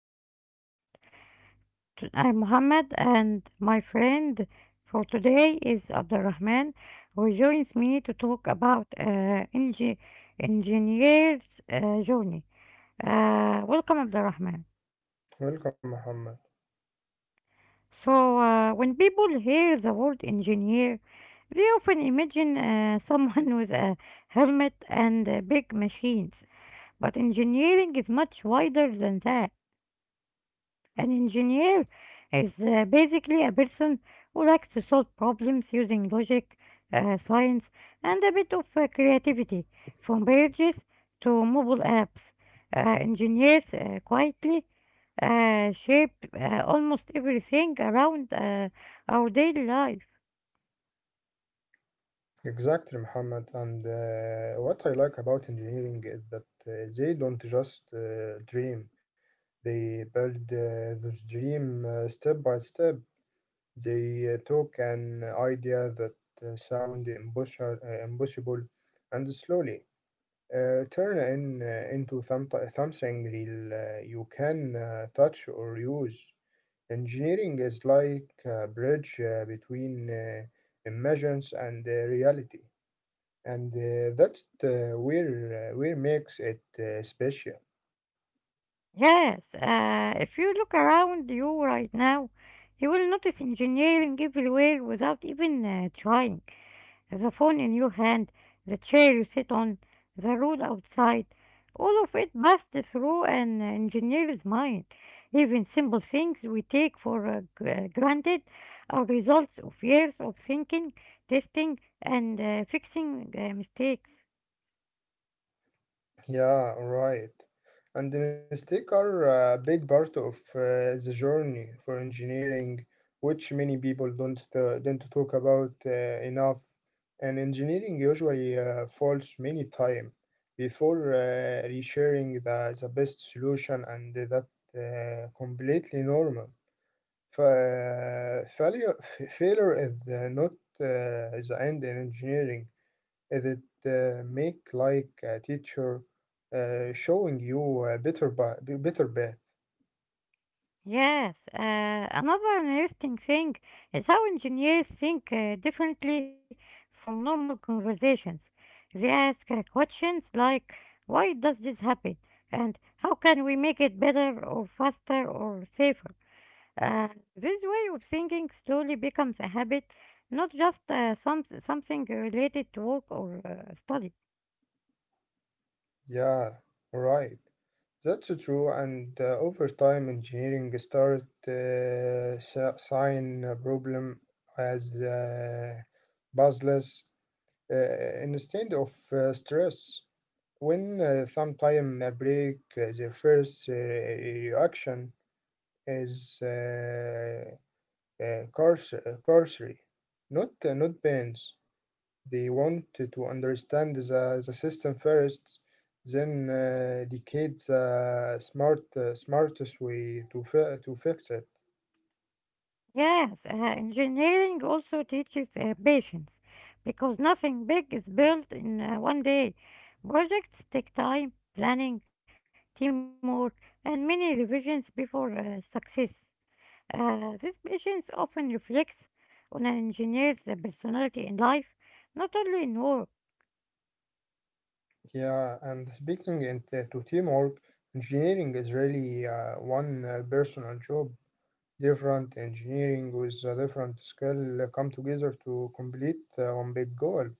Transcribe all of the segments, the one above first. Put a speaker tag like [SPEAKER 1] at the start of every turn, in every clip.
[SPEAKER 1] our episode. I'm Mohammed, and my friend for today is Abdurrahman, who joins me to talk about engineer's journey. Welcome, Abdurrahman.
[SPEAKER 2] Welcome, Muhammad.
[SPEAKER 1] So, when people hear the word engineer, they often imagine someone with a helmet and big machines, but engineering is much wider than that. An engineer is basically a person who likes to solve problems using logic, science, and a bit of creativity, from bridges to mobile apps. Engineers quietly shape almost everything around our daily life.
[SPEAKER 2] Exactly, Muhammad. And what I like about engineering is that they don't just dream, they build this dream step by step. They took an idea that impossible and slowly. Turn in into something real you can touch or use. Engineering is like a bridge between imagines and reality, and that's where makes it special.
[SPEAKER 1] Yes, if you look around you right now, you will notice engineering everywhere without even trying. The phone in your hand, the chair you sit on, the road outside. All of it passed through an engineer's mind. Even simple things we take for granted are results of years of thinking, testing, and fixing mistakes.
[SPEAKER 2] Yeah, right. And the mistakes are a big part of the journey for engineering, which many people don't talk about enough. And engineering usually falls many time before resharing the best solution, and that completely normal. Fa failure, failure is not the end in engineering. Is it make like a teacher showing you a better path?
[SPEAKER 1] Yes, another interesting thing is how engineers think differently from normal conversations. They ask questions like, why does this happen? And how can we make it better or faster or safer? Uh, this way of thinking slowly becomes a habit, not just something related to work or study.
[SPEAKER 2] Yeah, right. That's so true. And over time, engineering start sign a problem as puzzles instead of stress. When sometime a break, their first reaction is cursory, not pains. They want to understand the system first, then decide the smartest way to to fix it.
[SPEAKER 1] Yes, engineering also teaches patience because nothing big is built in one day. Projects take time, planning, teamwork, and many revisions before success. This patience often reflects on an engineer's personality in life, not only in work.
[SPEAKER 2] Yeah, and speaking into to teamwork, engineering is really one personal job. Different engineering with a different skill come together to complete one big goal.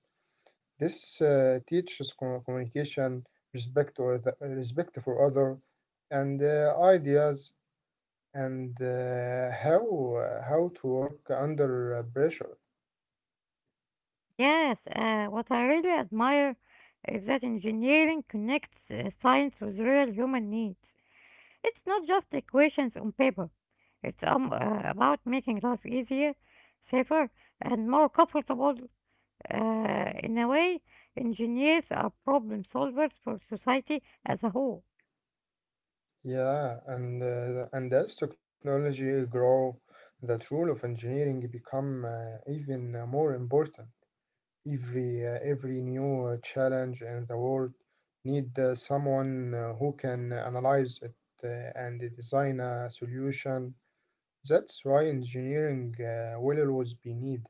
[SPEAKER 2] This teaches communication, respect, or the, respect for other, and ideas, and how to work under pressure.
[SPEAKER 1] Yes, what I really admire is that engineering connects science with real human needs. It's not just equations on paper. It's about making life easier, safer, and more comfortable. In a way, engineers are problem solvers for society as a whole.
[SPEAKER 2] Yeah, and as technology grow, that role of engineering become even more important. Every new challenge in the world need someone who can analyze it and design a solution. That's why engineering will always be needed.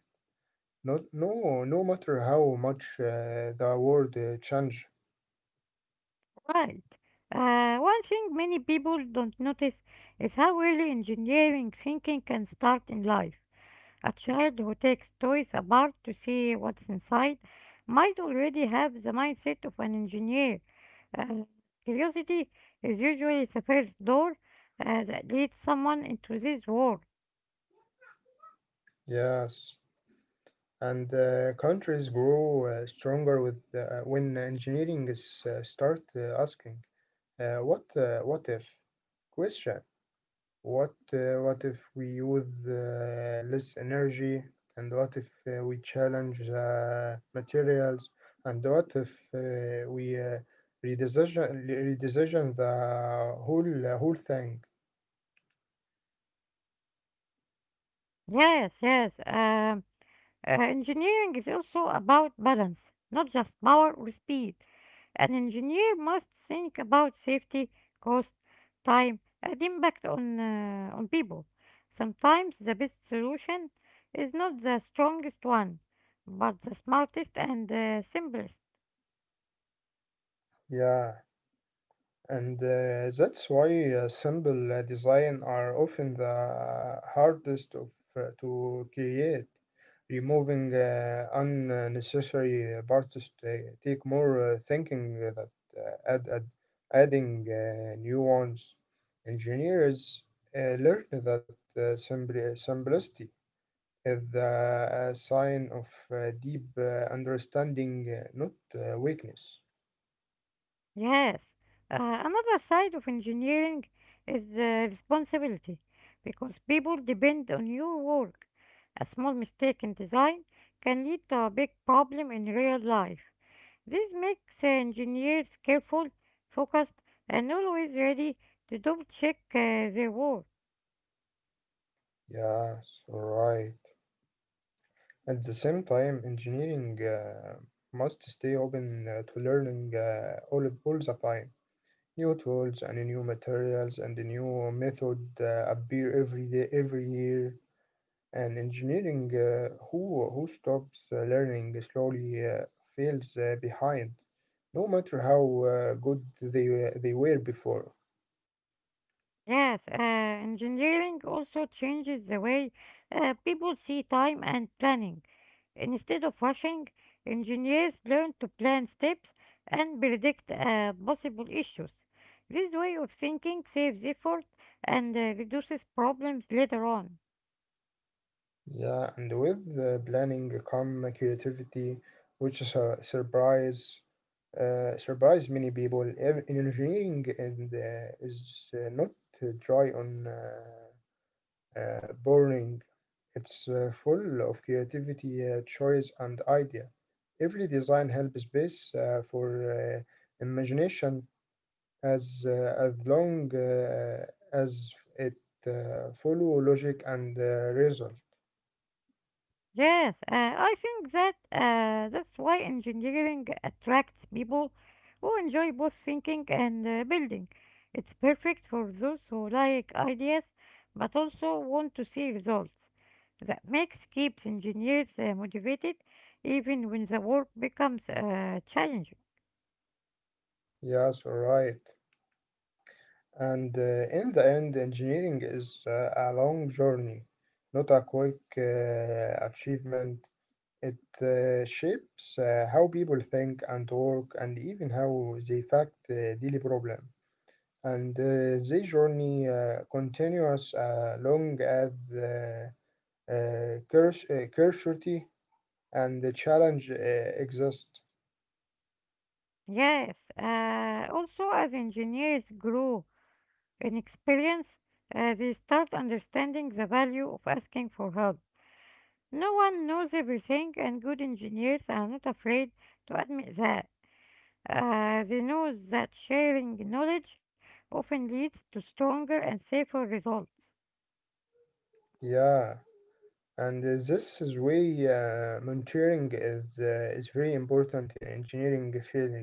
[SPEAKER 2] Not, no, no matter how much the world change.
[SPEAKER 1] Right. One thing many people don't notice is how early engineering thinking can start in life. A child who takes toys apart to see what's inside might already have the mindset of an engineer. Uh, Curiosity is usually the first door that leads someone into this world.
[SPEAKER 2] Yes, and countries grow stronger with when engineering is start asking what if question. What if we use less energy? And what if we challenge the materials? And what if we redesign redesign the whole thing?
[SPEAKER 1] Yes, yes. Engineering is also about balance, not just power or speed. An engineer must think about safety, cost, time, and impact on people. Sometimes the best solution is not the strongest one, but the smartest and simplest.
[SPEAKER 2] Yeah. And that's why simple design are often the hardest to create. Removing unnecessary parts take more thinking that uh, add, add, adding new ones. Engineers learned that simplicity is the sign of deep understanding, not weakness.
[SPEAKER 1] Yes, uh, another side of engineering is responsibility because people depend on your work. A small mistake in design can lead to a big problem in real life. This makes engineers careful, focused, and always ready to double check their work.
[SPEAKER 2] Yes, all right. At the same time, engineering must stay open to learning all the time. New tools and new materials and new method appear every day, every year. And engineering, who stops learning slowly, feels behind, no matter how good they were before.
[SPEAKER 1] Yes, engineering also changes the way people see time and planning. Instead of rushing, engineers learn to plan steps and predict possible issues. This way of thinking saves effort and reduces problems later on.
[SPEAKER 2] Yeah, and with planning come creativity, which is a surprise many people. Engineering is not dry on boring. It's full of creativity, choice, and idea. Every design helps space for imagination as long as it follow logic and result.
[SPEAKER 1] Yes, I think that that's why engineering attracts people who enjoy both thinking and building. It's perfect for those who like ideas but also want to see results. That makes keeps engineers motivated even when the work becomes challenging.
[SPEAKER 2] Yes, all right. And in the end, engineering is a long journey, not a quick achievement. It shapes how people think and work, and even how they fact daily problem. And the journey continues long as the curiosity and the challenge exist.
[SPEAKER 1] Yes, also as engineers grow in experience, they start understanding the value of asking for help. No one knows everything, and good engineers are not afraid to admit that. They know that sharing knowledge often leads to stronger and safer results.
[SPEAKER 2] Yeah. And this is why mentoring is very important in engineering field.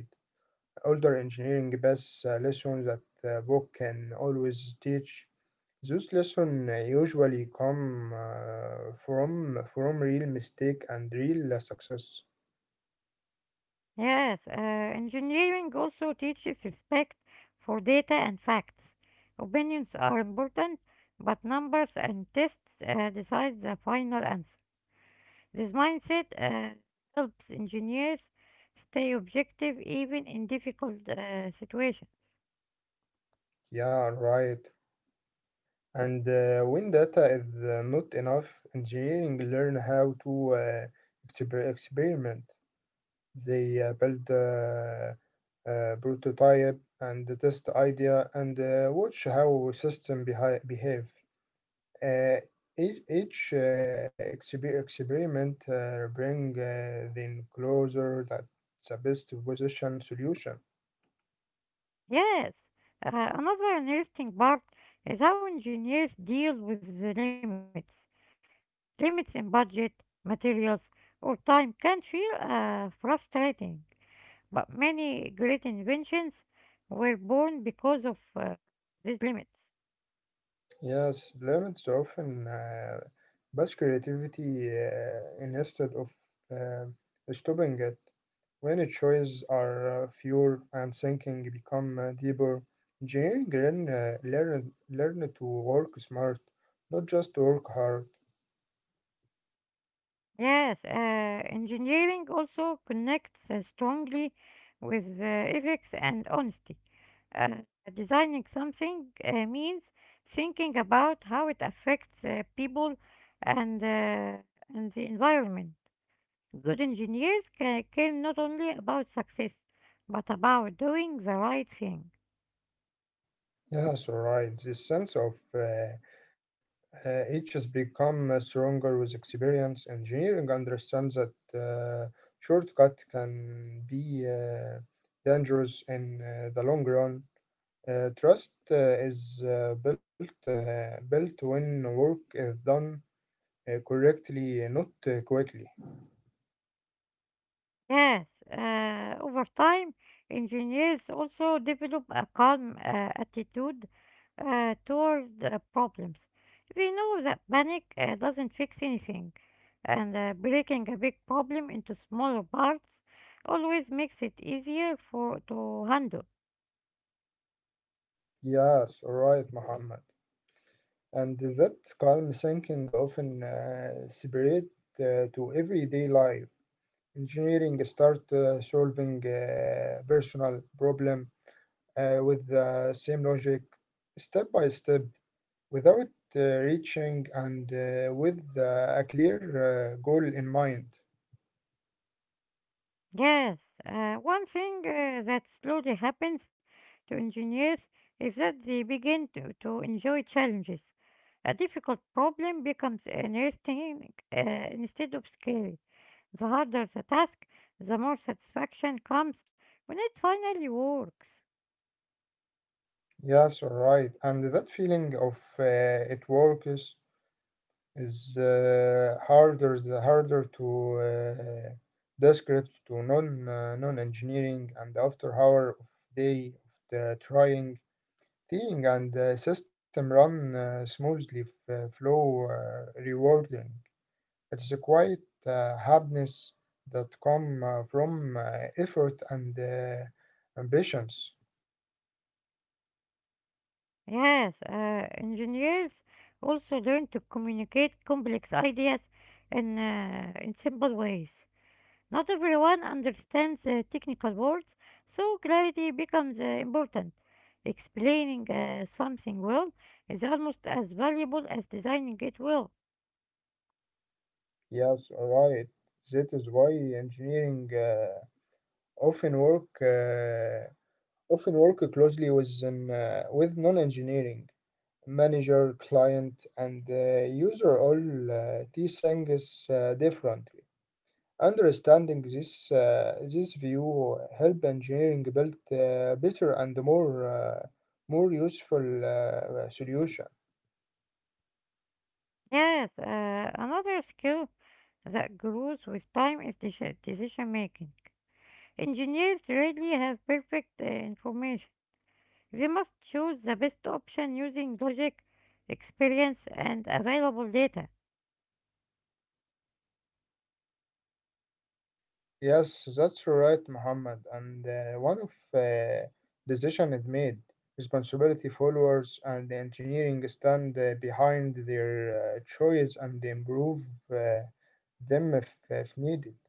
[SPEAKER 2] Older engineering best lesson that book can always teach. Those lessons usually come from real mistake and real success.
[SPEAKER 1] Yes, engineering also teaches respect for data and facts. Opinions are important, but numbers and tests decide the final answer. This mindset helps engineers stay objective even in difficult situations.
[SPEAKER 2] Yeah, right. And when data is not enough, engineering learn how to experiment. They build. Prototype and the test idea and watch how system behave. Uh, each experiment bring them closer that the best position solution.
[SPEAKER 1] Yes, another interesting part is how engineers deal with the limits. Limits in budget, materials, or time can feel frustrating, but many great inventions were born because of these limits.
[SPEAKER 2] Yes, limits often boost creativity instead of uh, stopping it. When the choices are fewer and thinking become deeper, engineering learn to work smart, not just work hard.
[SPEAKER 1] Yes, engineering also connects strongly with ethics and honesty. Uh, Designing something means thinking about how it affects people and, uh, and the environment. Good engineers care not only about success, but about doing the right thing.
[SPEAKER 2] Yes, all right. This sense of each has become stronger with experience. Engineering understands that shortcut can be dangerous in the long run. Trust is built when work is done correctly, not quickly.
[SPEAKER 1] Yes, over time, engineers also develop a calm attitude toward problems. They know that panic doesn't fix anything, and breaking a big problem into smaller parts always makes it easier for to handle.
[SPEAKER 2] Yes, all right, Muhammad. And that calm thinking often separate to everyday life. Engineering start solving personal problem with the same logic step by step without reaching and with a clear goal in mind.
[SPEAKER 1] Yes, one thing that slowly happens to engineers is that they begin to enjoy challenges. A difficult problem becomes interesting uh, instead of scary. The harder the task, the more satisfaction comes when it finally works.
[SPEAKER 2] Yes, all right, and that feeling of it works is harder to describe to non engineering and after hour of day of the trying thing and the system run smoothly flow rewarding. It's a quiet happiness that come from effort and ambitions.
[SPEAKER 1] Yes, engineers also learn to communicate complex ideas in simple ways. Not everyone understands the technical words, so clarity becomes important. Explaining something well is almost as valuable as designing it well.
[SPEAKER 2] Yes, right, that is why engineering often work uh, often work closely with with non-engineering manager client and user all these things differently. Understanding this this view help engineering build better and more useful solution.
[SPEAKER 1] Yes, another skill that grows with time is decision making. Engineers rarely have perfect information. They must choose the best option using logic, experience, and available data.
[SPEAKER 2] Yes, that's right, Muhammad. And one of decision is made. Responsibility followers and the engineering stand behind their choice and improve uh, them if needed.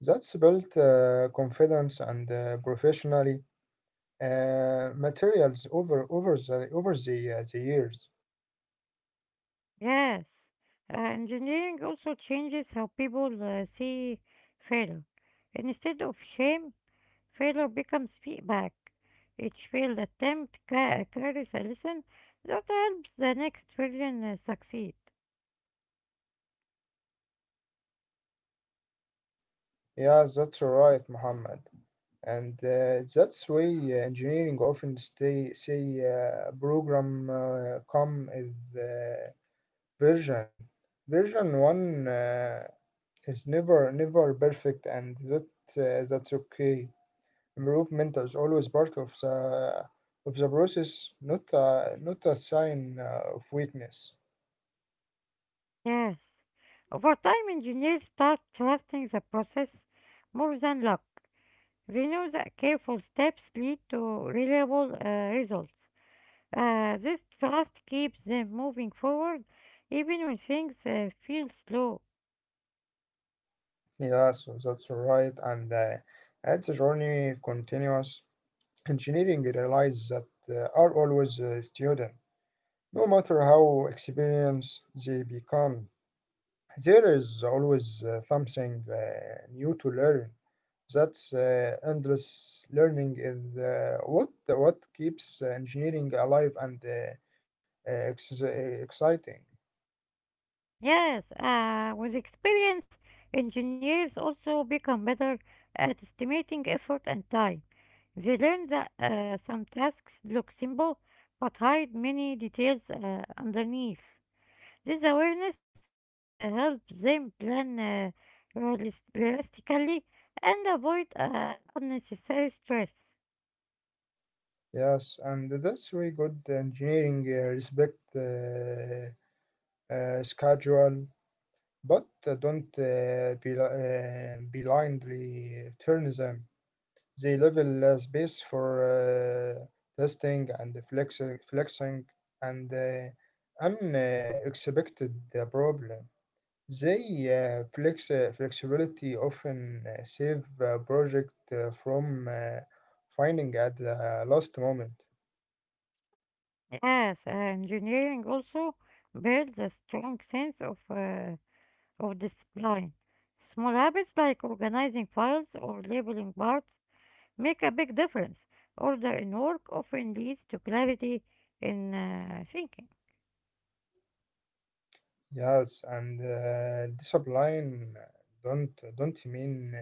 [SPEAKER 2] That's built confidence and professionally materials over the years.
[SPEAKER 1] Yes, engineering also changes how people see failure. Instead of shame, failure becomes feedback. Each failed attempt carries a lesson that helps the next version succeed.
[SPEAKER 2] Yeah, that's right, Muhammad. And that's why engineering often stay say program come is version. Version one is never perfect, and that that's okay. Improvement is always part of the process, not a sign of weakness.
[SPEAKER 1] Yes, over time, engineers start trusting the process more than luck. They know that careful steps lead to reliable results. This trust keeps them moving forward even when things feel slow.
[SPEAKER 2] Yeah, so that's right. And as the journey continues, engineering realize that are always a student, no matter how experienced they become. There is always something new to learn. That's endless learning is what keeps engineering alive and exciting.
[SPEAKER 1] Yes, with experience, engineers also become better at estimating effort and time. They learn that some tasks look simple but hide many details underneath. This awareness helps them plan realistically and avoid unnecessary stress.
[SPEAKER 2] Yes, and that's very good engineering respect schedule, but don't blindly turn them. They level space for testing and flexing and unexpected problem. They flexibility often save a project from finding at the last moment.
[SPEAKER 1] Yes, engineering also builds a strong sense of discipline. Small habits like organizing files or labeling parts make a big difference. Order in work often leads to clarity in thinking.
[SPEAKER 2] Yes, and discipline don't mean. Uh,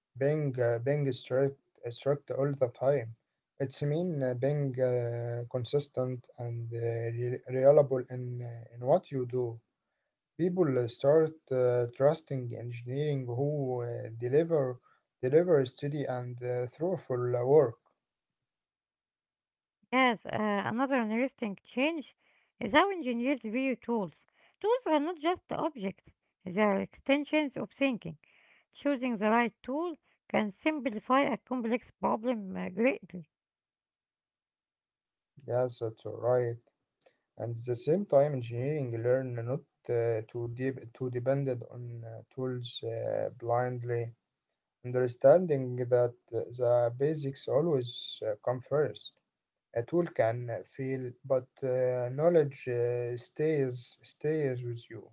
[SPEAKER 2] Being uh, being strict all the time. It's mean being consistent and reliable in what you do. People start trusting engineering who deliver steady and thoughtful work.
[SPEAKER 1] Yes, another interesting change is how engineers view tools. Tools are not just objects, they are extensions of thinking. Choosing the right tool can simplify a complex problem greatly.
[SPEAKER 2] Yes, that's right. And at the same time, engineering learn not to depend on tools blindly understanding that the basics always come first. A tool can fail, but knowledge stays with you.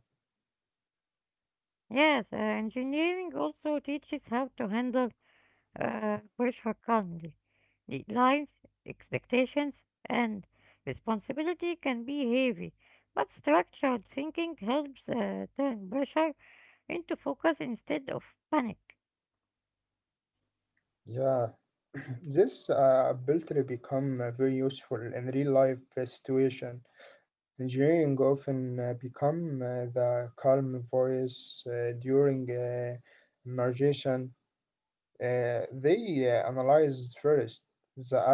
[SPEAKER 1] Yes, engineering also teaches how to handle pressure calmly. Deadlines, expectations, and responsibility can be heavy, but structured thinking helps turn pressure into focus instead of panic.
[SPEAKER 2] Yeah, this ability become very useful in real life situation. Engineering often become the calm voice during emergency. They analyze first the act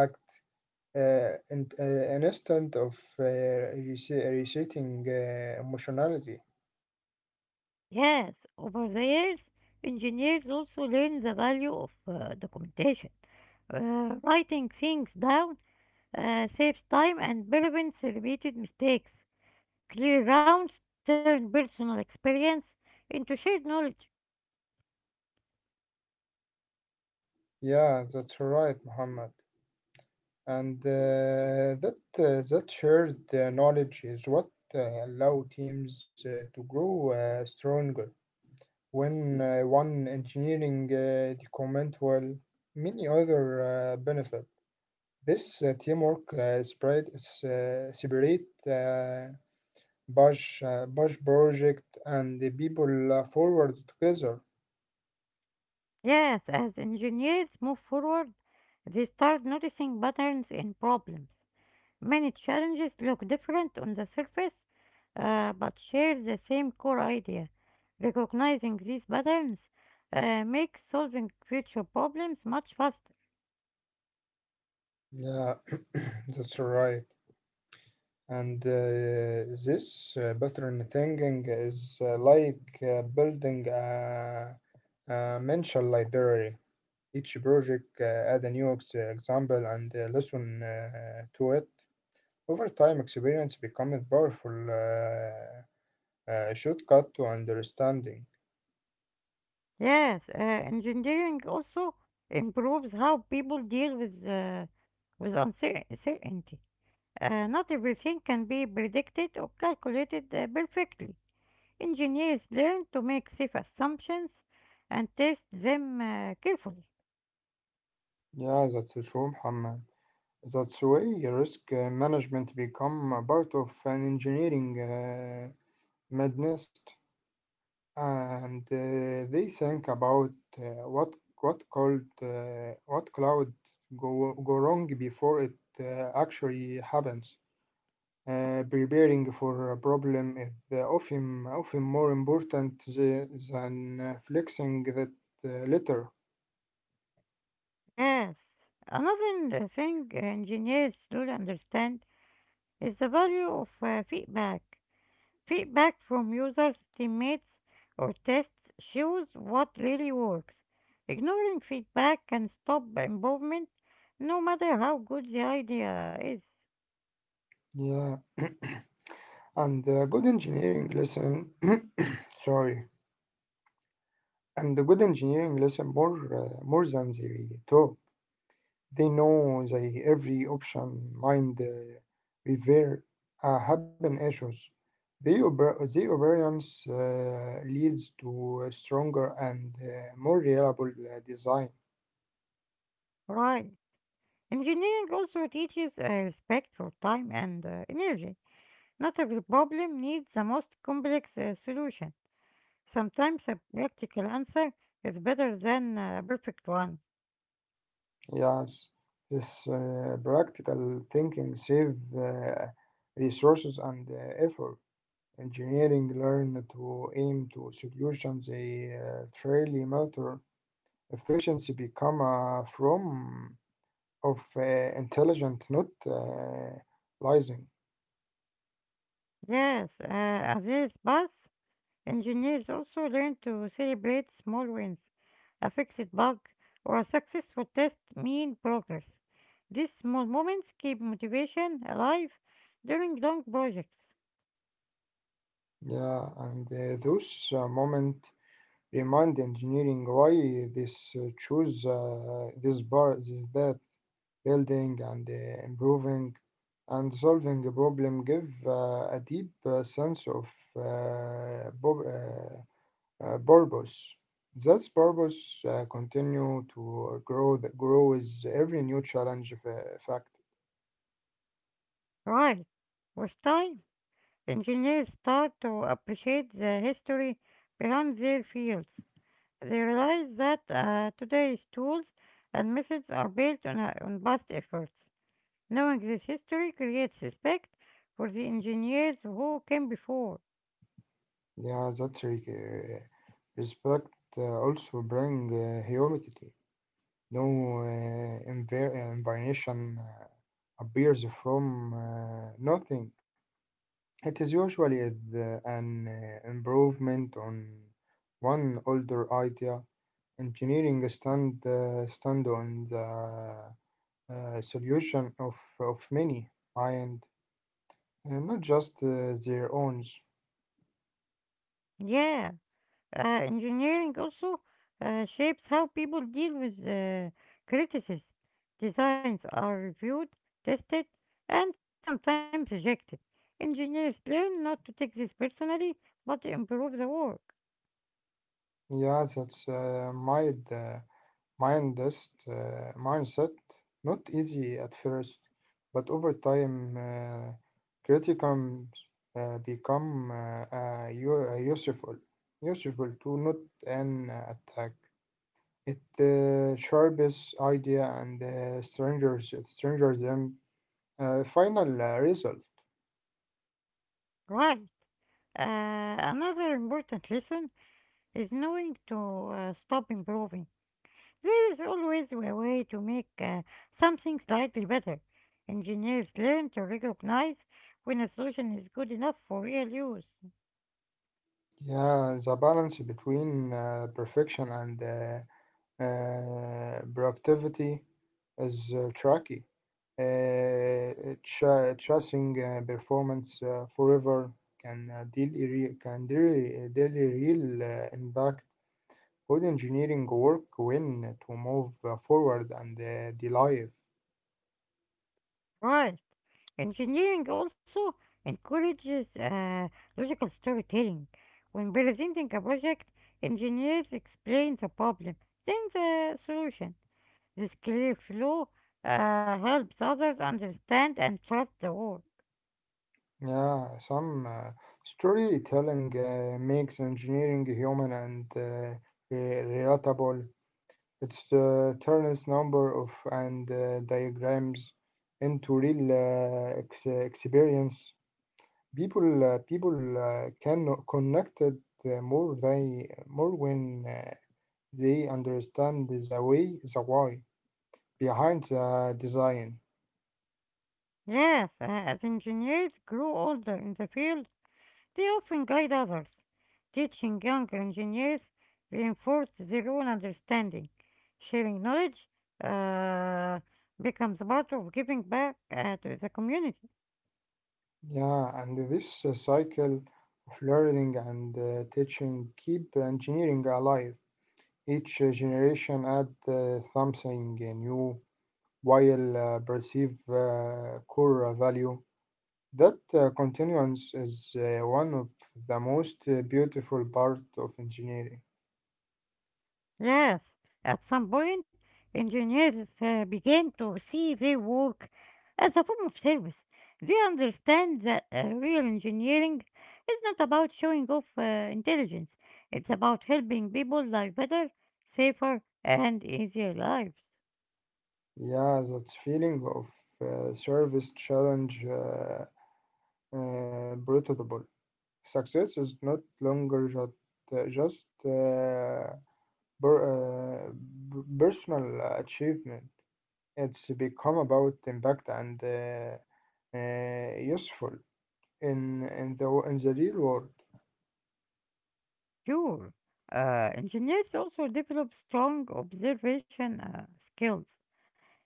[SPEAKER 2] and an instant of resetting emotionality.
[SPEAKER 1] Yes, over the years, engineers also learn the value of documentation. Writing things down saves time and prevents repeated mistakes. Clear rounds turn personal experience into shared knowledge.
[SPEAKER 2] Yeah, that's right, Muhammad. And that shared knowledge is what allow teams to grow stronger. When one engineering the comment well, many other benefit. This teamwork spread is separate Bash project, and the people forward together.
[SPEAKER 1] Yes, as engineers move forward, they start noticing patterns in problems. Many challenges look different on the surface, but share the same core idea. Recognizing these patterns makes solving future problems much faster.
[SPEAKER 2] Yeah, that's right. And this pattern thinking is like building a mental library. Each project add a new example and listen to it. Over time, experience becomes powerful shortcut to understanding.
[SPEAKER 1] Yes, engineering also improves how people deal with uncertainty. Not everything can be predicted or calculated perfectly. Engineers learn to make safe assumptions and test them carefully.
[SPEAKER 2] Yeah, that's true, Muhammad. That's way risk management become a part of an engineering madness, and they think about uh, what what called what cloud go wrong before it actually happens. Preparing for a problem is often more important than flexing that later.
[SPEAKER 1] Yes, another thing engineers don't understand is the value of feedback. Feedback from users, teammates, or tests shows what really works. Ignoring feedback can stop involvement, no matter how good the idea is.
[SPEAKER 2] Yeah, and good engineering lesson. sorry. And the good engineering listen more than they really talk. They know the every option, revere, happen issues. The operance leads to a stronger and more reliable design.
[SPEAKER 1] Right. Engineering also teaches respect for time and energy. Not every problem needs the most complex solution. Sometimes a practical answer is better than a perfect one.
[SPEAKER 2] Yes, this practical thinking save resources and effort. Engineering learn to aim to solutions they truly matter efficiency become from of intelligent not lying
[SPEAKER 1] Yes, engineers also learn to celebrate small wins. A fixed bug or a successful test mean progress. These small moments keep motivation alive during long projects.
[SPEAKER 2] yeah and those moment remind engineering why this choose this bar this path building and improving and solving a problem give a deep sense of uh, prob- uh, purpose. This purpose continue to grow. That grow with every new challenge. Fact,
[SPEAKER 1] Right. With time, engineers start to appreciate the history behind their fields. They realize that today's tools and methods are built on past efforts. Knowing this history creates respect for the engineers who came before.
[SPEAKER 2] yeah, respect also bring humility. No uh, appears from nothing. It is usually an improvement on one older idea. Engineering stand on the solution of many mind, not just their own.
[SPEAKER 1] Yeah, engineering also shapes how people deal with criticism. Designs are reviewed, tested, and sometimes rejected. Engineers learn not to take this personally, but improve the work.
[SPEAKER 2] Yeah, that's mindset. Not easy at first, but over time, criticism become useful, useful to not an attack. It sharpens idea and strangers them. Final result.
[SPEAKER 1] Right. Another important lesson is knowing to stop improving. There is always a way to make something slightly better. Engineers learn to recognize when a solution is good enough for real use.
[SPEAKER 2] Yeah, the balance between perfection and productivity is tricky. Chasing performance forever can deal irre- can deal, deal real impact. Good engineering work when to move forward and delive.
[SPEAKER 1] Right. Engineering also encourages logical storytelling. When presenting a project, engineers explain the problem, then the solution. This clear flow helps others understand and trust the work.
[SPEAKER 2] Yeah, some storytelling makes engineering human and relatable. It turns number of and diagrams into real experience. People can connect it more when they understand the why behind the design.
[SPEAKER 1] Yes, as engineers grow older in the field, they often guide others. Teaching younger engineers reinforces their own understanding. Sharing knowledge uh, becomes part of giving back to the community.
[SPEAKER 2] Yeah, and this cycle of learning and teaching keep engineering alive. Each generation add something new while perceived core value. That continuance is one of the most beautiful part of engineering.
[SPEAKER 1] Yes, at some point, engineers began to see their work as a form of service. They understand that real engineering is not about showing off intelligence, it's about helping people live better, safer, and easier lives.
[SPEAKER 2] Yeah, that feeling of service challenge breathable. Success is not longer just per, uh, personal achievement. It's become about impact and useful in the real world.
[SPEAKER 1] Sure, engineers also develop strong observation skills.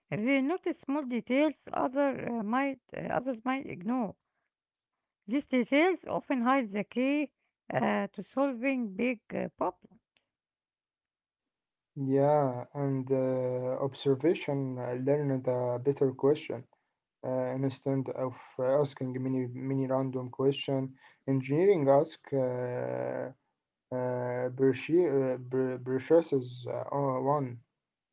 [SPEAKER 1] They notice small details others might ignore. These details often hide the key to solving big problems.
[SPEAKER 2] Yeah, and observation learned a better question instead of asking many many random question. Engineering ask purchases one.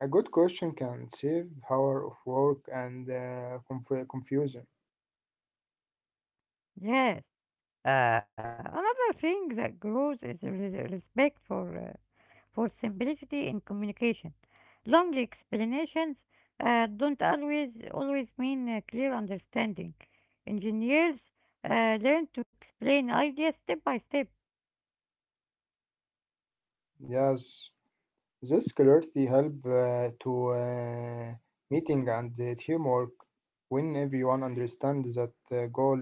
[SPEAKER 2] A good question can save hour of work and confusion.
[SPEAKER 1] Yes. Another thing that grows is respect for simplicity in communication. Long explanations don't always always mean clear understanding. Engineers learn to explain ideas step by step.
[SPEAKER 2] Yes, this clarity help to meeting and teamwork when everyone understands that goal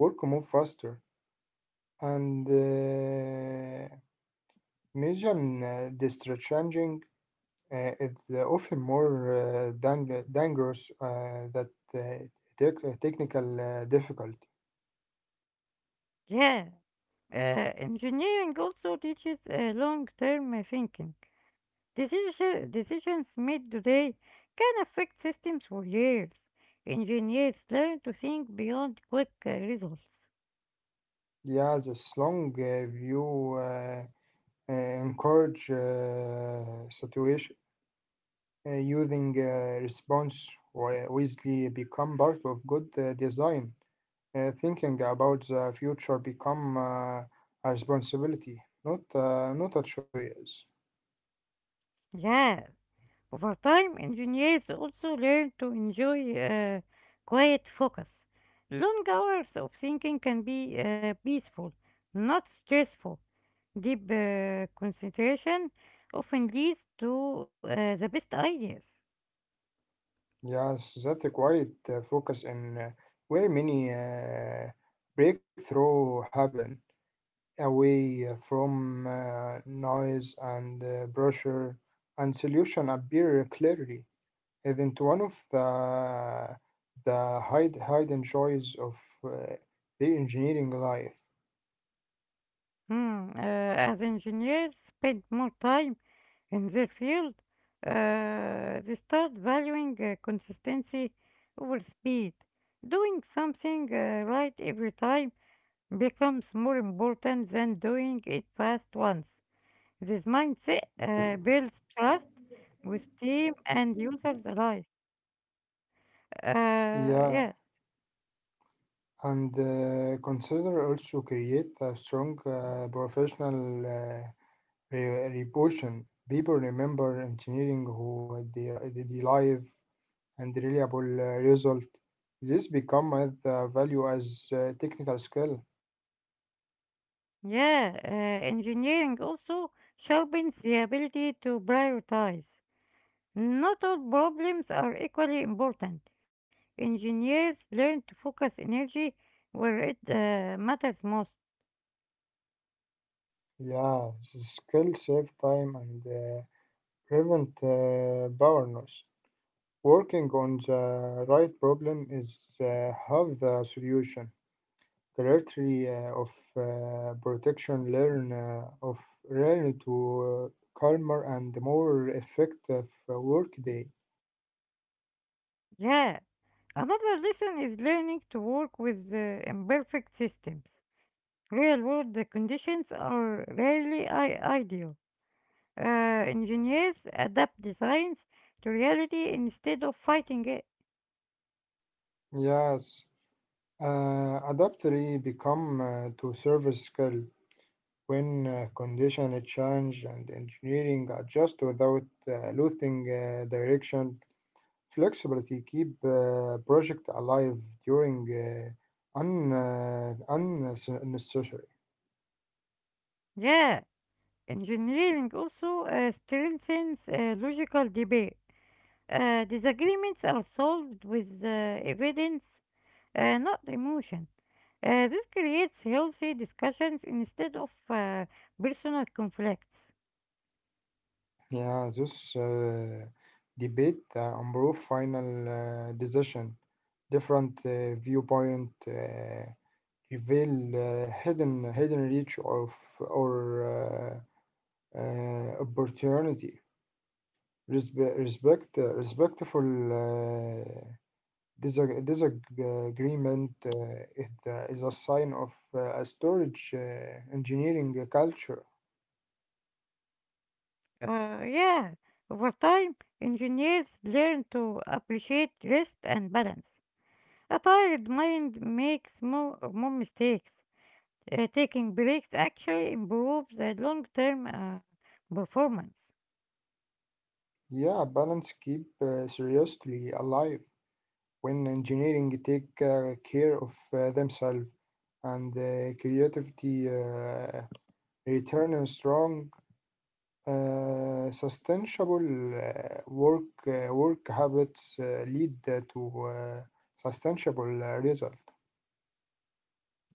[SPEAKER 2] work move faster and museum district changing is often more dangerous than uh, technical difficulty.
[SPEAKER 1] Yeah. Engineering also teaches long-term thinking. Decisions made today can affect systems for years. Engineers learn to think beyond quick results.
[SPEAKER 2] Yeah, this long view encourage situation using response wisely become part of good design. Thinking about the future become a responsibility, not a choice.
[SPEAKER 1] Yeah, over time, engineers also learn to enjoy quiet focus. Long hours of thinking can be peaceful, not stressful. Deep concentration often leads to the best ideas.
[SPEAKER 2] Yes, that required focus in where many breakthrough happen, away from noise and pressure, and solution appear clearly. Isn't one of the hide hidden joys of uh, the engineering life?
[SPEAKER 1] Hmm, as engineers spend more time in their field, they start valuing consistency over speed. Doing something right every time becomes more important than doing it fast once. This mindset builds trust with team and users alike. Uh,
[SPEAKER 2] Yeah,
[SPEAKER 1] yes,
[SPEAKER 2] and consider also create a strong professional reputation. People remember engineering who deliver and reliable result. This become as value as technical skill.
[SPEAKER 1] yeah, uh, engineering also sharpens the ability to prioritize. Not all problems are equally important. Engineers learn to focus energy where it matters most.
[SPEAKER 2] Yeah, the skill save time and prevent burnout. Working on the right problem is half the solution. Clarity of protection learn of learn to calmer and more effective workday.
[SPEAKER 1] Yeah, another lesson is learning to work with imperfect systems. Real world conditions are rarely ideal. Uh, Engineers adapt designs to reality instead of fighting it.
[SPEAKER 2] Yes, adaptability become to service skill when condition change and engineering adjust without losing direction. Flexibility keep project alive during unnecessary.
[SPEAKER 1] Yeah, engineering also strengthens logical debate. Disagreements are solved with evidence, not emotion. This creates healthy discussions instead of personal conflicts.
[SPEAKER 2] Yeah, this debate improve final decision. Different viewpoint reveal hidden reach of or opportunity. Respectful disagreement is a sign of a storage engineering culture.
[SPEAKER 1] Yeah, over time, engineers learn to appreciate rest and balance. A tired mind makes more mistakes. Taking breaks actually improves the long term performance.
[SPEAKER 2] Yeah, balance keep seriously alive. When engineering take care of themselves and creativity return strong sustainable work habits lead to sustainable result.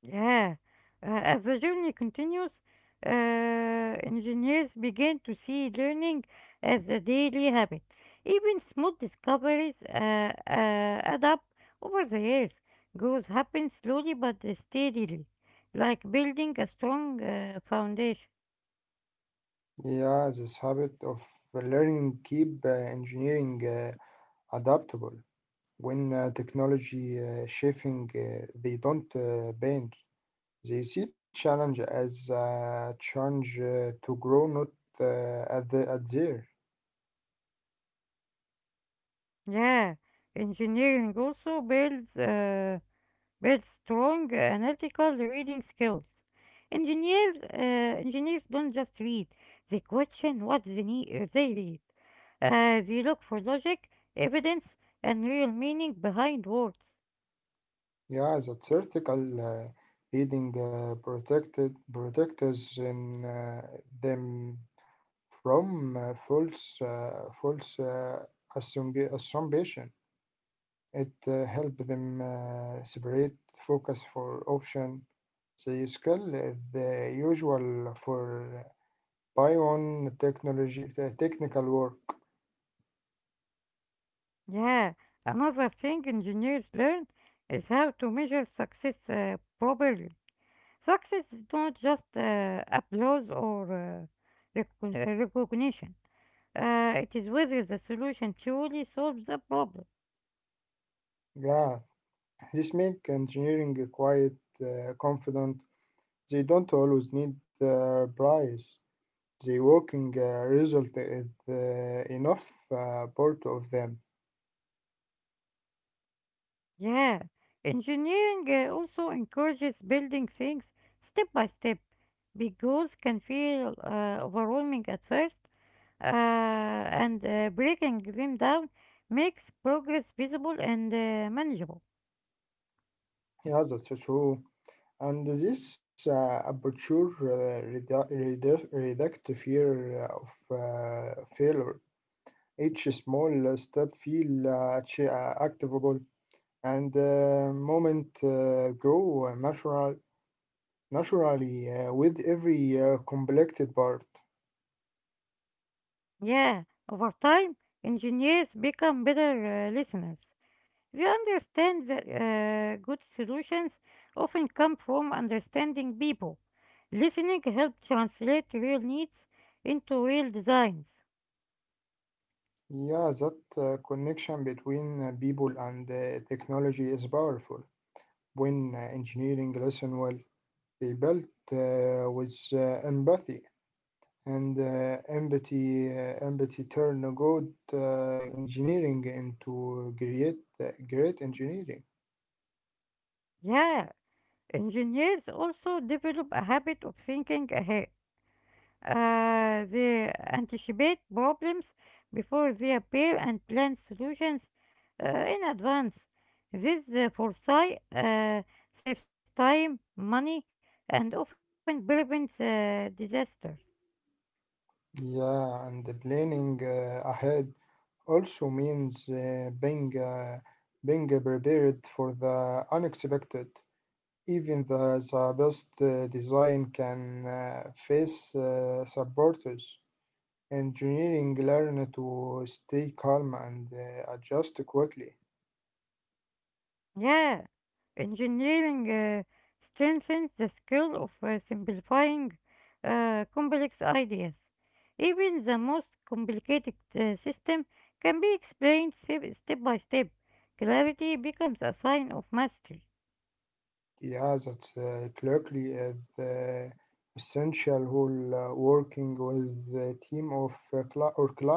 [SPEAKER 1] Yeah. As the journey continues, engineers begin to see learning as a daily habit. Even small discoveries add up over the years. Growth happens slowly but steadily, like building a strong foundation.
[SPEAKER 2] Yeah, this habit of learning keep engineering adaptable when technology shaping they don't bend. They see challenge as a chance to grow, not at there.
[SPEAKER 1] Yeah, engineering also builds. Build strong analytical reading skills. Engineers, uh, engineers don't just read; they question what they need, they read. They look for logic, evidence, and real meaning behind words.
[SPEAKER 2] Yeah, that vertical reading protected protectors in them from false assumption. It help them separate focus for option. The skill is the usual for buy-on technology, technical work.
[SPEAKER 1] Yeah, another thing engineers learn is how to measure success properly. Success is not just applause or recognition. It is whether the solution truly solves the problem.
[SPEAKER 2] Yeah, this makes engineering quite confident. They don't always need the price. The working result is enough part of them.
[SPEAKER 1] Yeah, engineering also encourages building things step by step. Big goals can feel overwhelming at first, and breaking them down makes progress visible and manageable.
[SPEAKER 2] Yeah, that's true. And this reduct fear of failure. Each small step feel activable and moment grow natural, naturally with every completed part.
[SPEAKER 1] Yeah, over time, engineers become better listeners. They understand that good solutions often come from understanding people. Listening helps translate real needs into real designs.
[SPEAKER 2] Yeah, that connection between people and technology is powerful. When engineering listen well, they built with empathy, and empathy empathy turn a good engineering into great engineering.
[SPEAKER 1] Yeah, engineers also develop a habit of thinking ahead. They anticipate problems before they appear and plan solutions in advance. This foresight saves time, money, and often prevents disasters.
[SPEAKER 2] Yeah, and the planning ahead also means being prepared for the unexpected. Even the best design can face supporters. Engineering learn to stay calm and adjust quickly.
[SPEAKER 1] Yeah, engineering strengthens the skill of simplifying complex ideas. Even the most complicated system can be explained step by step. Clarity becomes a sign of mastery.
[SPEAKER 2] Yeah, that's clearly the essential whole working with the team of or client.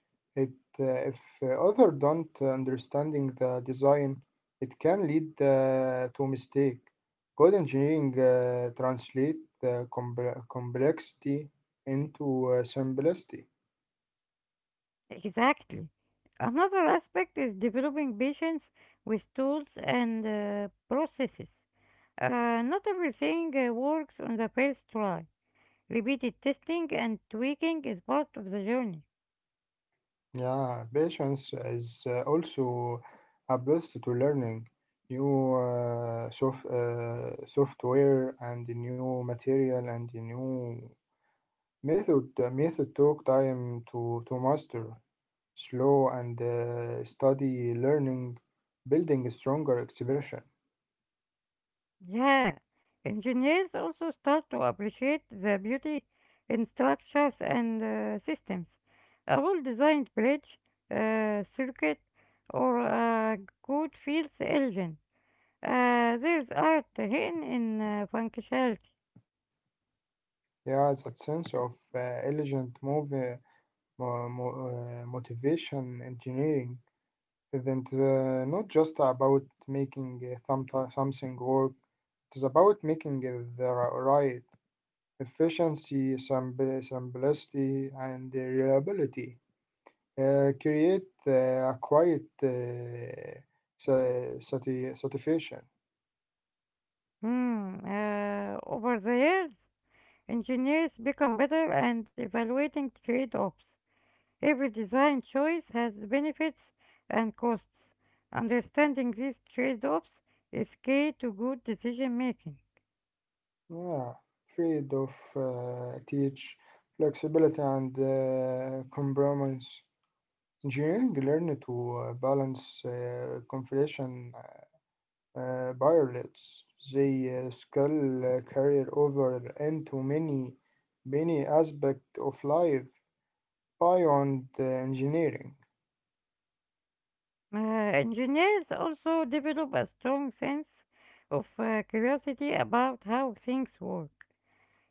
[SPEAKER 2] It, if others don't understanding the design, it can lead to mistake. Good engineering translate the complexity into simplicity.
[SPEAKER 1] Exactly. Another aspect is developing patience with tools and processes. Not everything works on the first try. Repeated testing and tweaking is part of the journey.
[SPEAKER 2] Yeah, patience is also a boost to learning new software and new material and new method took time to master, slow and study learning, building stronger expression.
[SPEAKER 1] Yeah, engineers also start to appreciate the beauty in structures and systems. A well designed bridge, circuit, or a good fields engine. There's art hidden in functionality.
[SPEAKER 2] Yeah, that sense of elegant motivation engineering isn't not just about making something work. It is about making it right efficiency, simplicity, and reliability. Create a quiet satisfaction.
[SPEAKER 1] Hmm, over the years, engineers become better at evaluating trade offs. Every design choice has benefits and costs. Understanding these trade offs is key to good decision making.
[SPEAKER 2] Yeah, freed of teach flexibility and compromise. Engineering learn to balance configuration pilots. They skill career over into many many aspects of life beyond engineering.
[SPEAKER 1] Engineers also develop a strong sense of curiosity about how things work.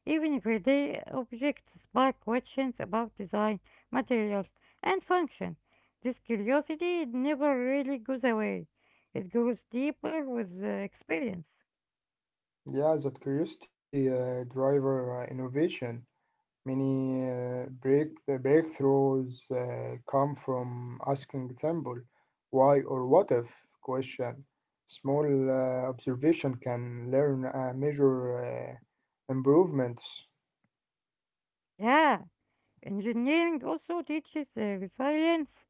[SPEAKER 1] Even everyday objects spark questions about design, materials, and function. This curiosity never really goes away, it grows deeper with experience.
[SPEAKER 2] Yeah, that curiosity driver innovation. Many the breakthroughs come from asking simple why or what if question. Small observation can learn measure improvements.
[SPEAKER 1] Yeah, engineering also teaches resilience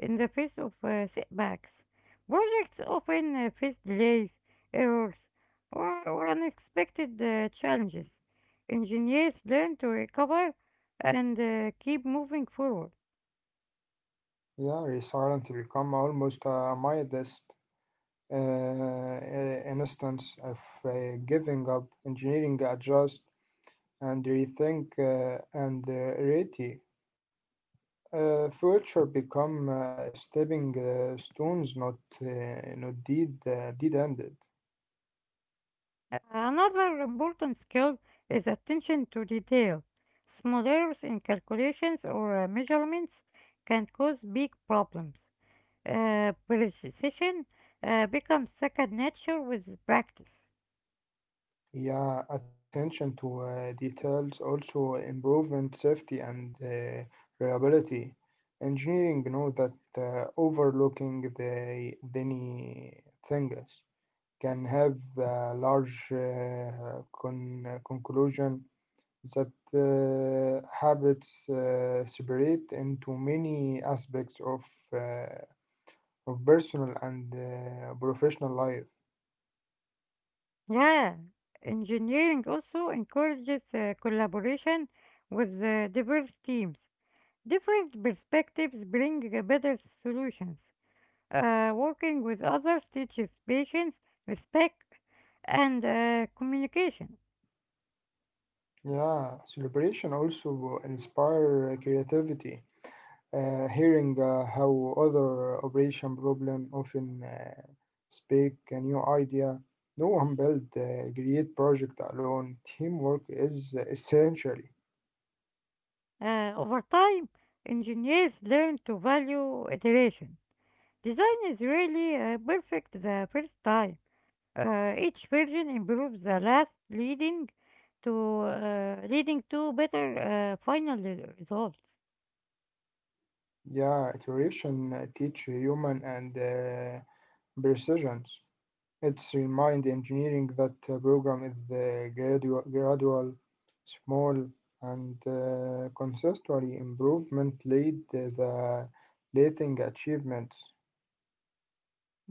[SPEAKER 1] in the face of setbacks. Projects often face delays, errors, or unexpected challenges. Engineers learn to recover and keep moving forward.
[SPEAKER 2] Yeah, resilience become almost a modest instance of uh, giving up, engineering adjust and rethink and ready. Future become stepping stones, not deed ended.
[SPEAKER 1] Another important skill is attention to detail. Small errors in calculations or measurements can cause big problems. Precision becomes second nature with practice.
[SPEAKER 2] Yeah, attention to details also improvement safety and reliability. Engineering know that overlooking the any things can have a large conclusion that habits separate into many aspects of. Uh, of personal and professional life.
[SPEAKER 1] Yeah, engineering also encourages collaboration with diverse teams. Different perspectives bring better solutions. Working with others teaches patience, respect, and communication.
[SPEAKER 2] Yeah, celebration also inspire creativity. Hearing how other operation problem often speak a new idea. No one build a great project alone. Teamwork is essential.
[SPEAKER 1] Over time, engineers learn to value iteration. Design is really perfect the first time. Each version improves the last, to leading to better final results.
[SPEAKER 2] Yeah, iteration teach human and precisions. It's remind engineering that program is gradual, small, and consistently improvement lead the leading achievements.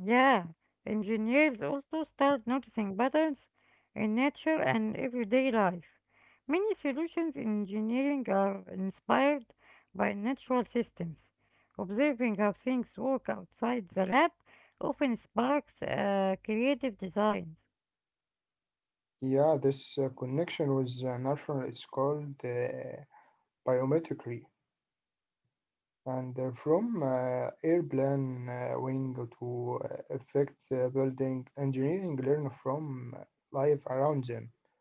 [SPEAKER 1] Yeah, engineers also start noticing patterns in nature and everyday life. Many solutions in engineering are inspired by natural systems. Observing how things work outside the lab often sparks creative designs.
[SPEAKER 2] Yeah, this connection with natural is called biometry, and from airplane wing to effect building, engineering learn from life around them.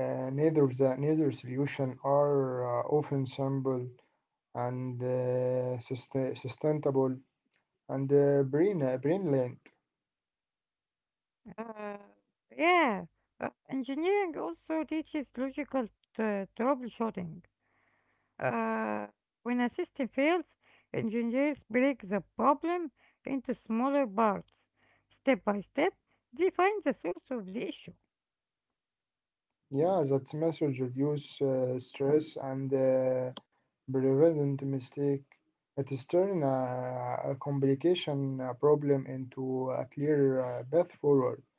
[SPEAKER 2] Neither solution are often simple and sustainable and brainland.
[SPEAKER 1] Uh, yeah, engineering also teaches logical troubleshooting. Uh, when a system fails, engineers break the problem into smaller parts. Step by step, they find the source of the issue.
[SPEAKER 2] Yeah, that message reduce stress and prevent mistake. It is turn a complication problem into a clear path forward.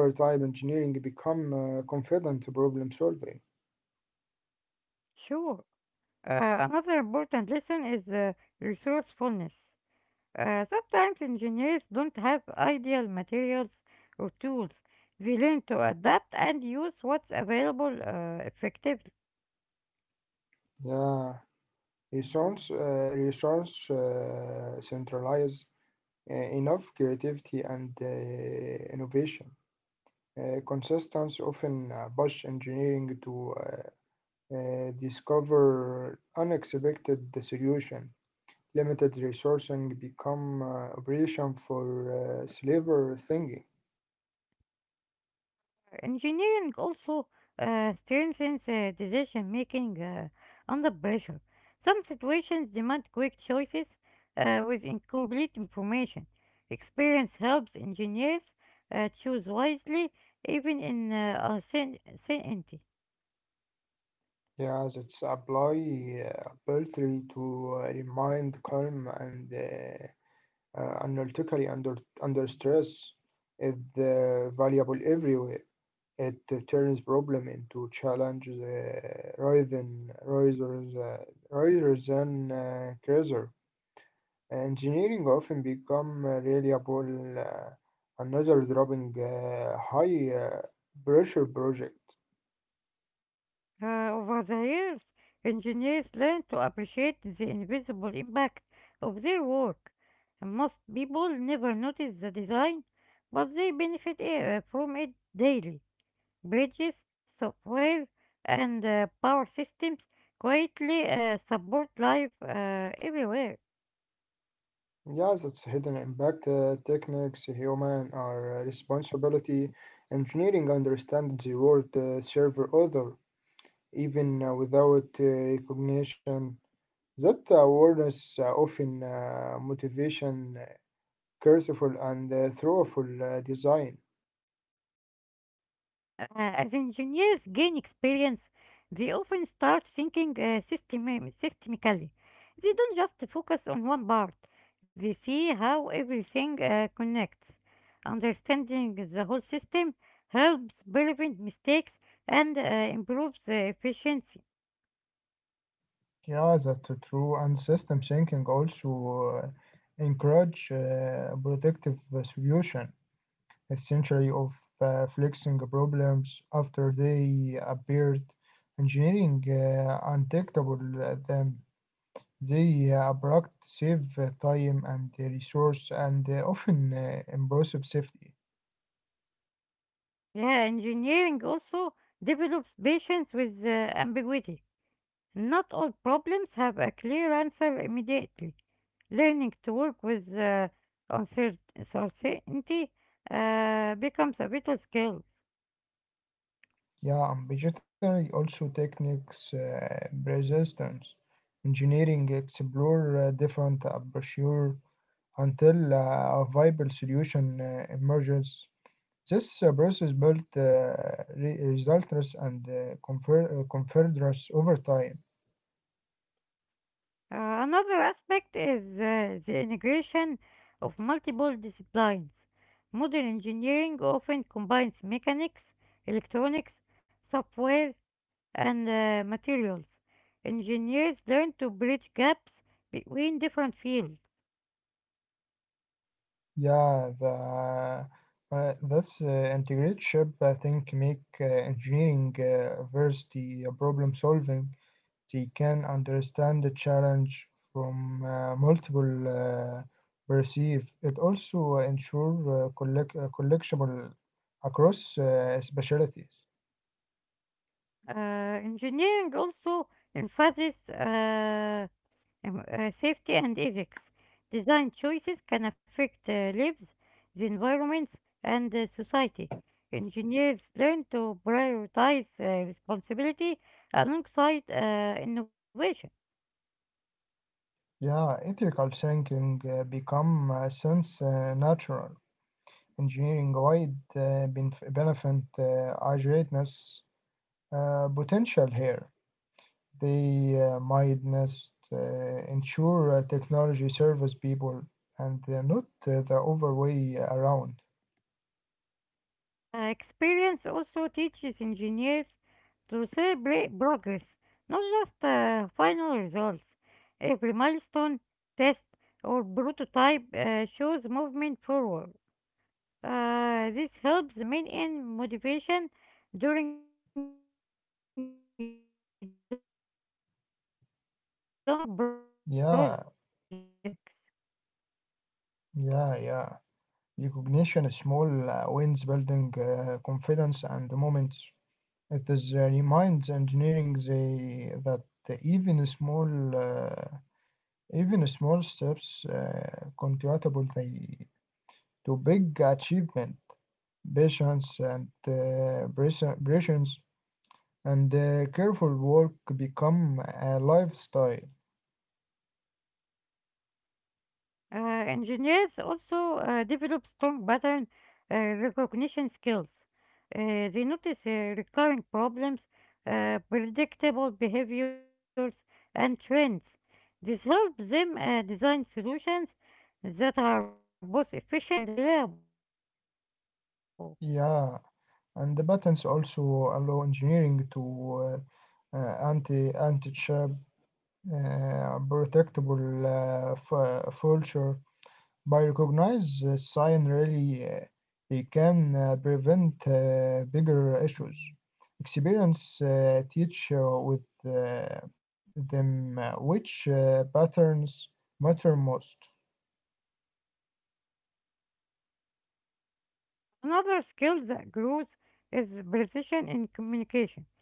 [SPEAKER 2] Over time, engineering become confident problem solving.
[SPEAKER 1] Sure. Another important lesson is resourcefulness. Sometimes engineers don't have ideal materials or tools. They learn to adapt and use what's available effectively.
[SPEAKER 2] Yeah, resource centralized enough creativity and innovation. Consultants often push engineering to discover unexpected solution. Limited resourcing become operation for slaver thinking.
[SPEAKER 1] Engineering also strengthens decision making under pressure. Some situations demand quick choices with incomplete information. Experience helps engineers choose wisely, even in uncertainty.
[SPEAKER 2] Yeah, that's apply poultry to remind calm and analytically under stress is valuable everywhere. It turns problem into challenge rather than cruiser. Engineering often become reliable another dropping high pressure project.
[SPEAKER 1] Over the years, engineers learn to appreciate the invisible impact of their work. And most people never notice the design, but they benefit from it daily. Bridges, software, and power systems greatly support life everywhere.
[SPEAKER 2] Yes, it's hidden impact techniques, human or responsibility. Engineering understands the world server other, even without recognition. That awareness often careful and thoughtful design.
[SPEAKER 1] As engineers gain experience, they often start thinking systemically. They don't just focus on one part, they see how everything connects. Understanding the whole system helps prevent mistakes and improves the efficiency.
[SPEAKER 2] Yeah, that's true. And system thinking also encourage protective solution, essentially of flexing problems after they appeared, engineering undetectable them. They abrupt save time and resource and often improve safety.
[SPEAKER 1] Yeah, engineering also develops patience with ambiguity. Not all problems have a clear answer immediately. Learning to work with uncertainty becomes a vital skill.
[SPEAKER 2] Yeah, and vegetary also techniques resistance. Engineering explore different approaches until a viable solution emerges. This process built results and confederates over time.
[SPEAKER 1] Uh, Another aspect is the integration of multiple disciplines. Modern engineering often combines mechanics, electronics, software, and materials. Engineers learn to bridge gaps between different fields.
[SPEAKER 2] Yeah, the this integrated ship I think make engineering versus the problem solving. They can understand the challenge from multiple perceive. It also ensure collectible across specialties.
[SPEAKER 1] Uh, Engineering also emphasizes safety and ethics. Design choices can affect lives, the environments, and society. Engineers learn to prioritize responsibility alongside innovation.
[SPEAKER 2] Yeah, ethical thinking become since natural engineering wide benefit agility potential here. They might just ensure technology serves people and not the other way around.
[SPEAKER 1] Experience also teaches engineers to celebrate progress, not just final results. Every milestone, test, or prototype shows movement forward. This helps maintain motivation during long projects.
[SPEAKER 2] Yeah, yeah, yeah. Recognition is small wins building confidence and the moment. It is, reminds engineering that even small, uh, even small steps contributable they to big achievement patience and precisions and careful work become a lifestyle.
[SPEAKER 1] Uh, Engineers also develop strong pattern recognition skills. They notice recurring problems, predictable behaviors, and trends. This helps them design solutions that are both efficient and reliable.
[SPEAKER 2] Yeah, and the patents also allow engineering to anti chip protectable vulture by recognize the sign really they can prevent bigger issues. Experience teach with uh, them which patterns matter most.
[SPEAKER 1] Another skill that grows is precision in communication.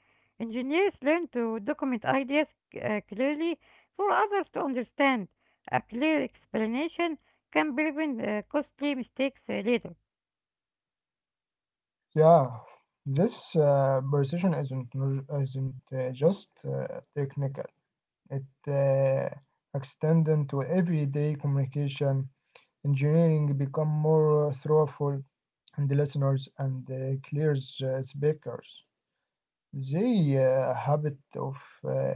[SPEAKER 1] Engineers learn to document ideas clearly for others to understand. A clear explanation can prevent costly mistakes later.
[SPEAKER 2] Yeah, this precision isn't just technical. It extends into everyday communication. Engineering become more thoughtful and listeners and clears speakers. They habit of uh,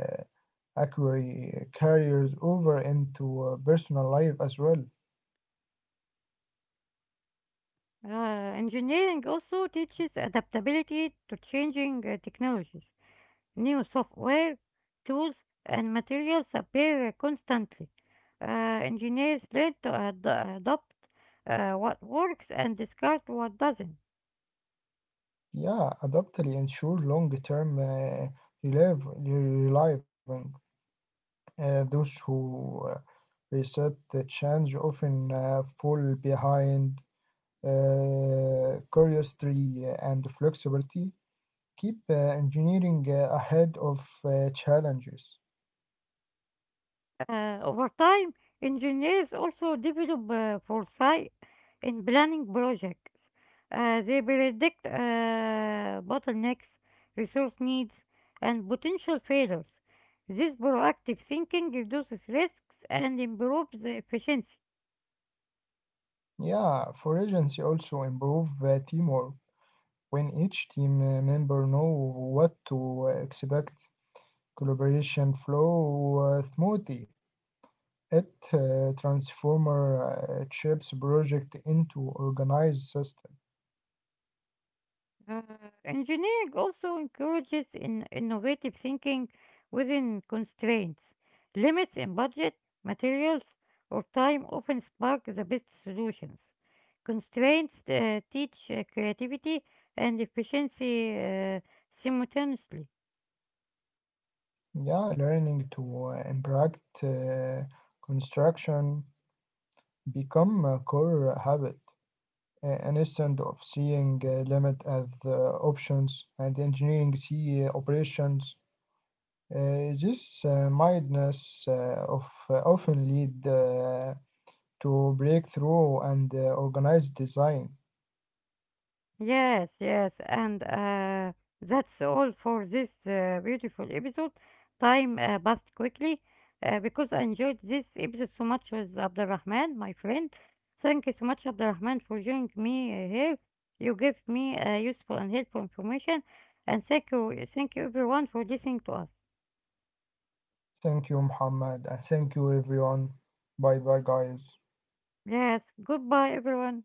[SPEAKER 2] acquiry carriers over into personal life as well.
[SPEAKER 1] Uh, Engineering also teaches adaptability to changing technologies. New software, tools, and materials appear constantly. Uh, Engineers learn to adapt what works and discard what doesn't.
[SPEAKER 2] Yeah, adaptability ensure long-term relieving. Those who resist the change often fall behind. Curiosity and flexibility keep engineering ahead of challenges.
[SPEAKER 1] Over time, engineers also develop foresight in planning projects. They predict bottlenecks, resource needs, and potential failures. This proactive thinking reduces risks and improves efficiency.
[SPEAKER 2] Yeah, for agency also improve teamwork. When each team member know what to expect, collaboration flow smoothly. It transformer chips project into organized system.
[SPEAKER 1] Uh, Engineering also encourages in innovative thinking within constraints. Limits in budget, materials, or time often spark the best solutions. Constraints teach creativity and efficiency simultaneously.
[SPEAKER 2] Yeah, learning to impact construction become a core habit, an instant of seeing limit as options and engineering see operations. This mindness of often lead to breakthrough and organized design.
[SPEAKER 1] Yes, yes, and that's all for this beautiful episode. Time passed quickly because I enjoyed this episode so much with Abdurrahman, my friend. Thank you so much, Abdurrahman, for joining me here. You gave me useful and helpful information, and thank you everyone for listening to us.
[SPEAKER 2] Thank you, Muhammad, and thank you, everyone. Bye bye, guys.
[SPEAKER 1] Yes, goodbye, everyone.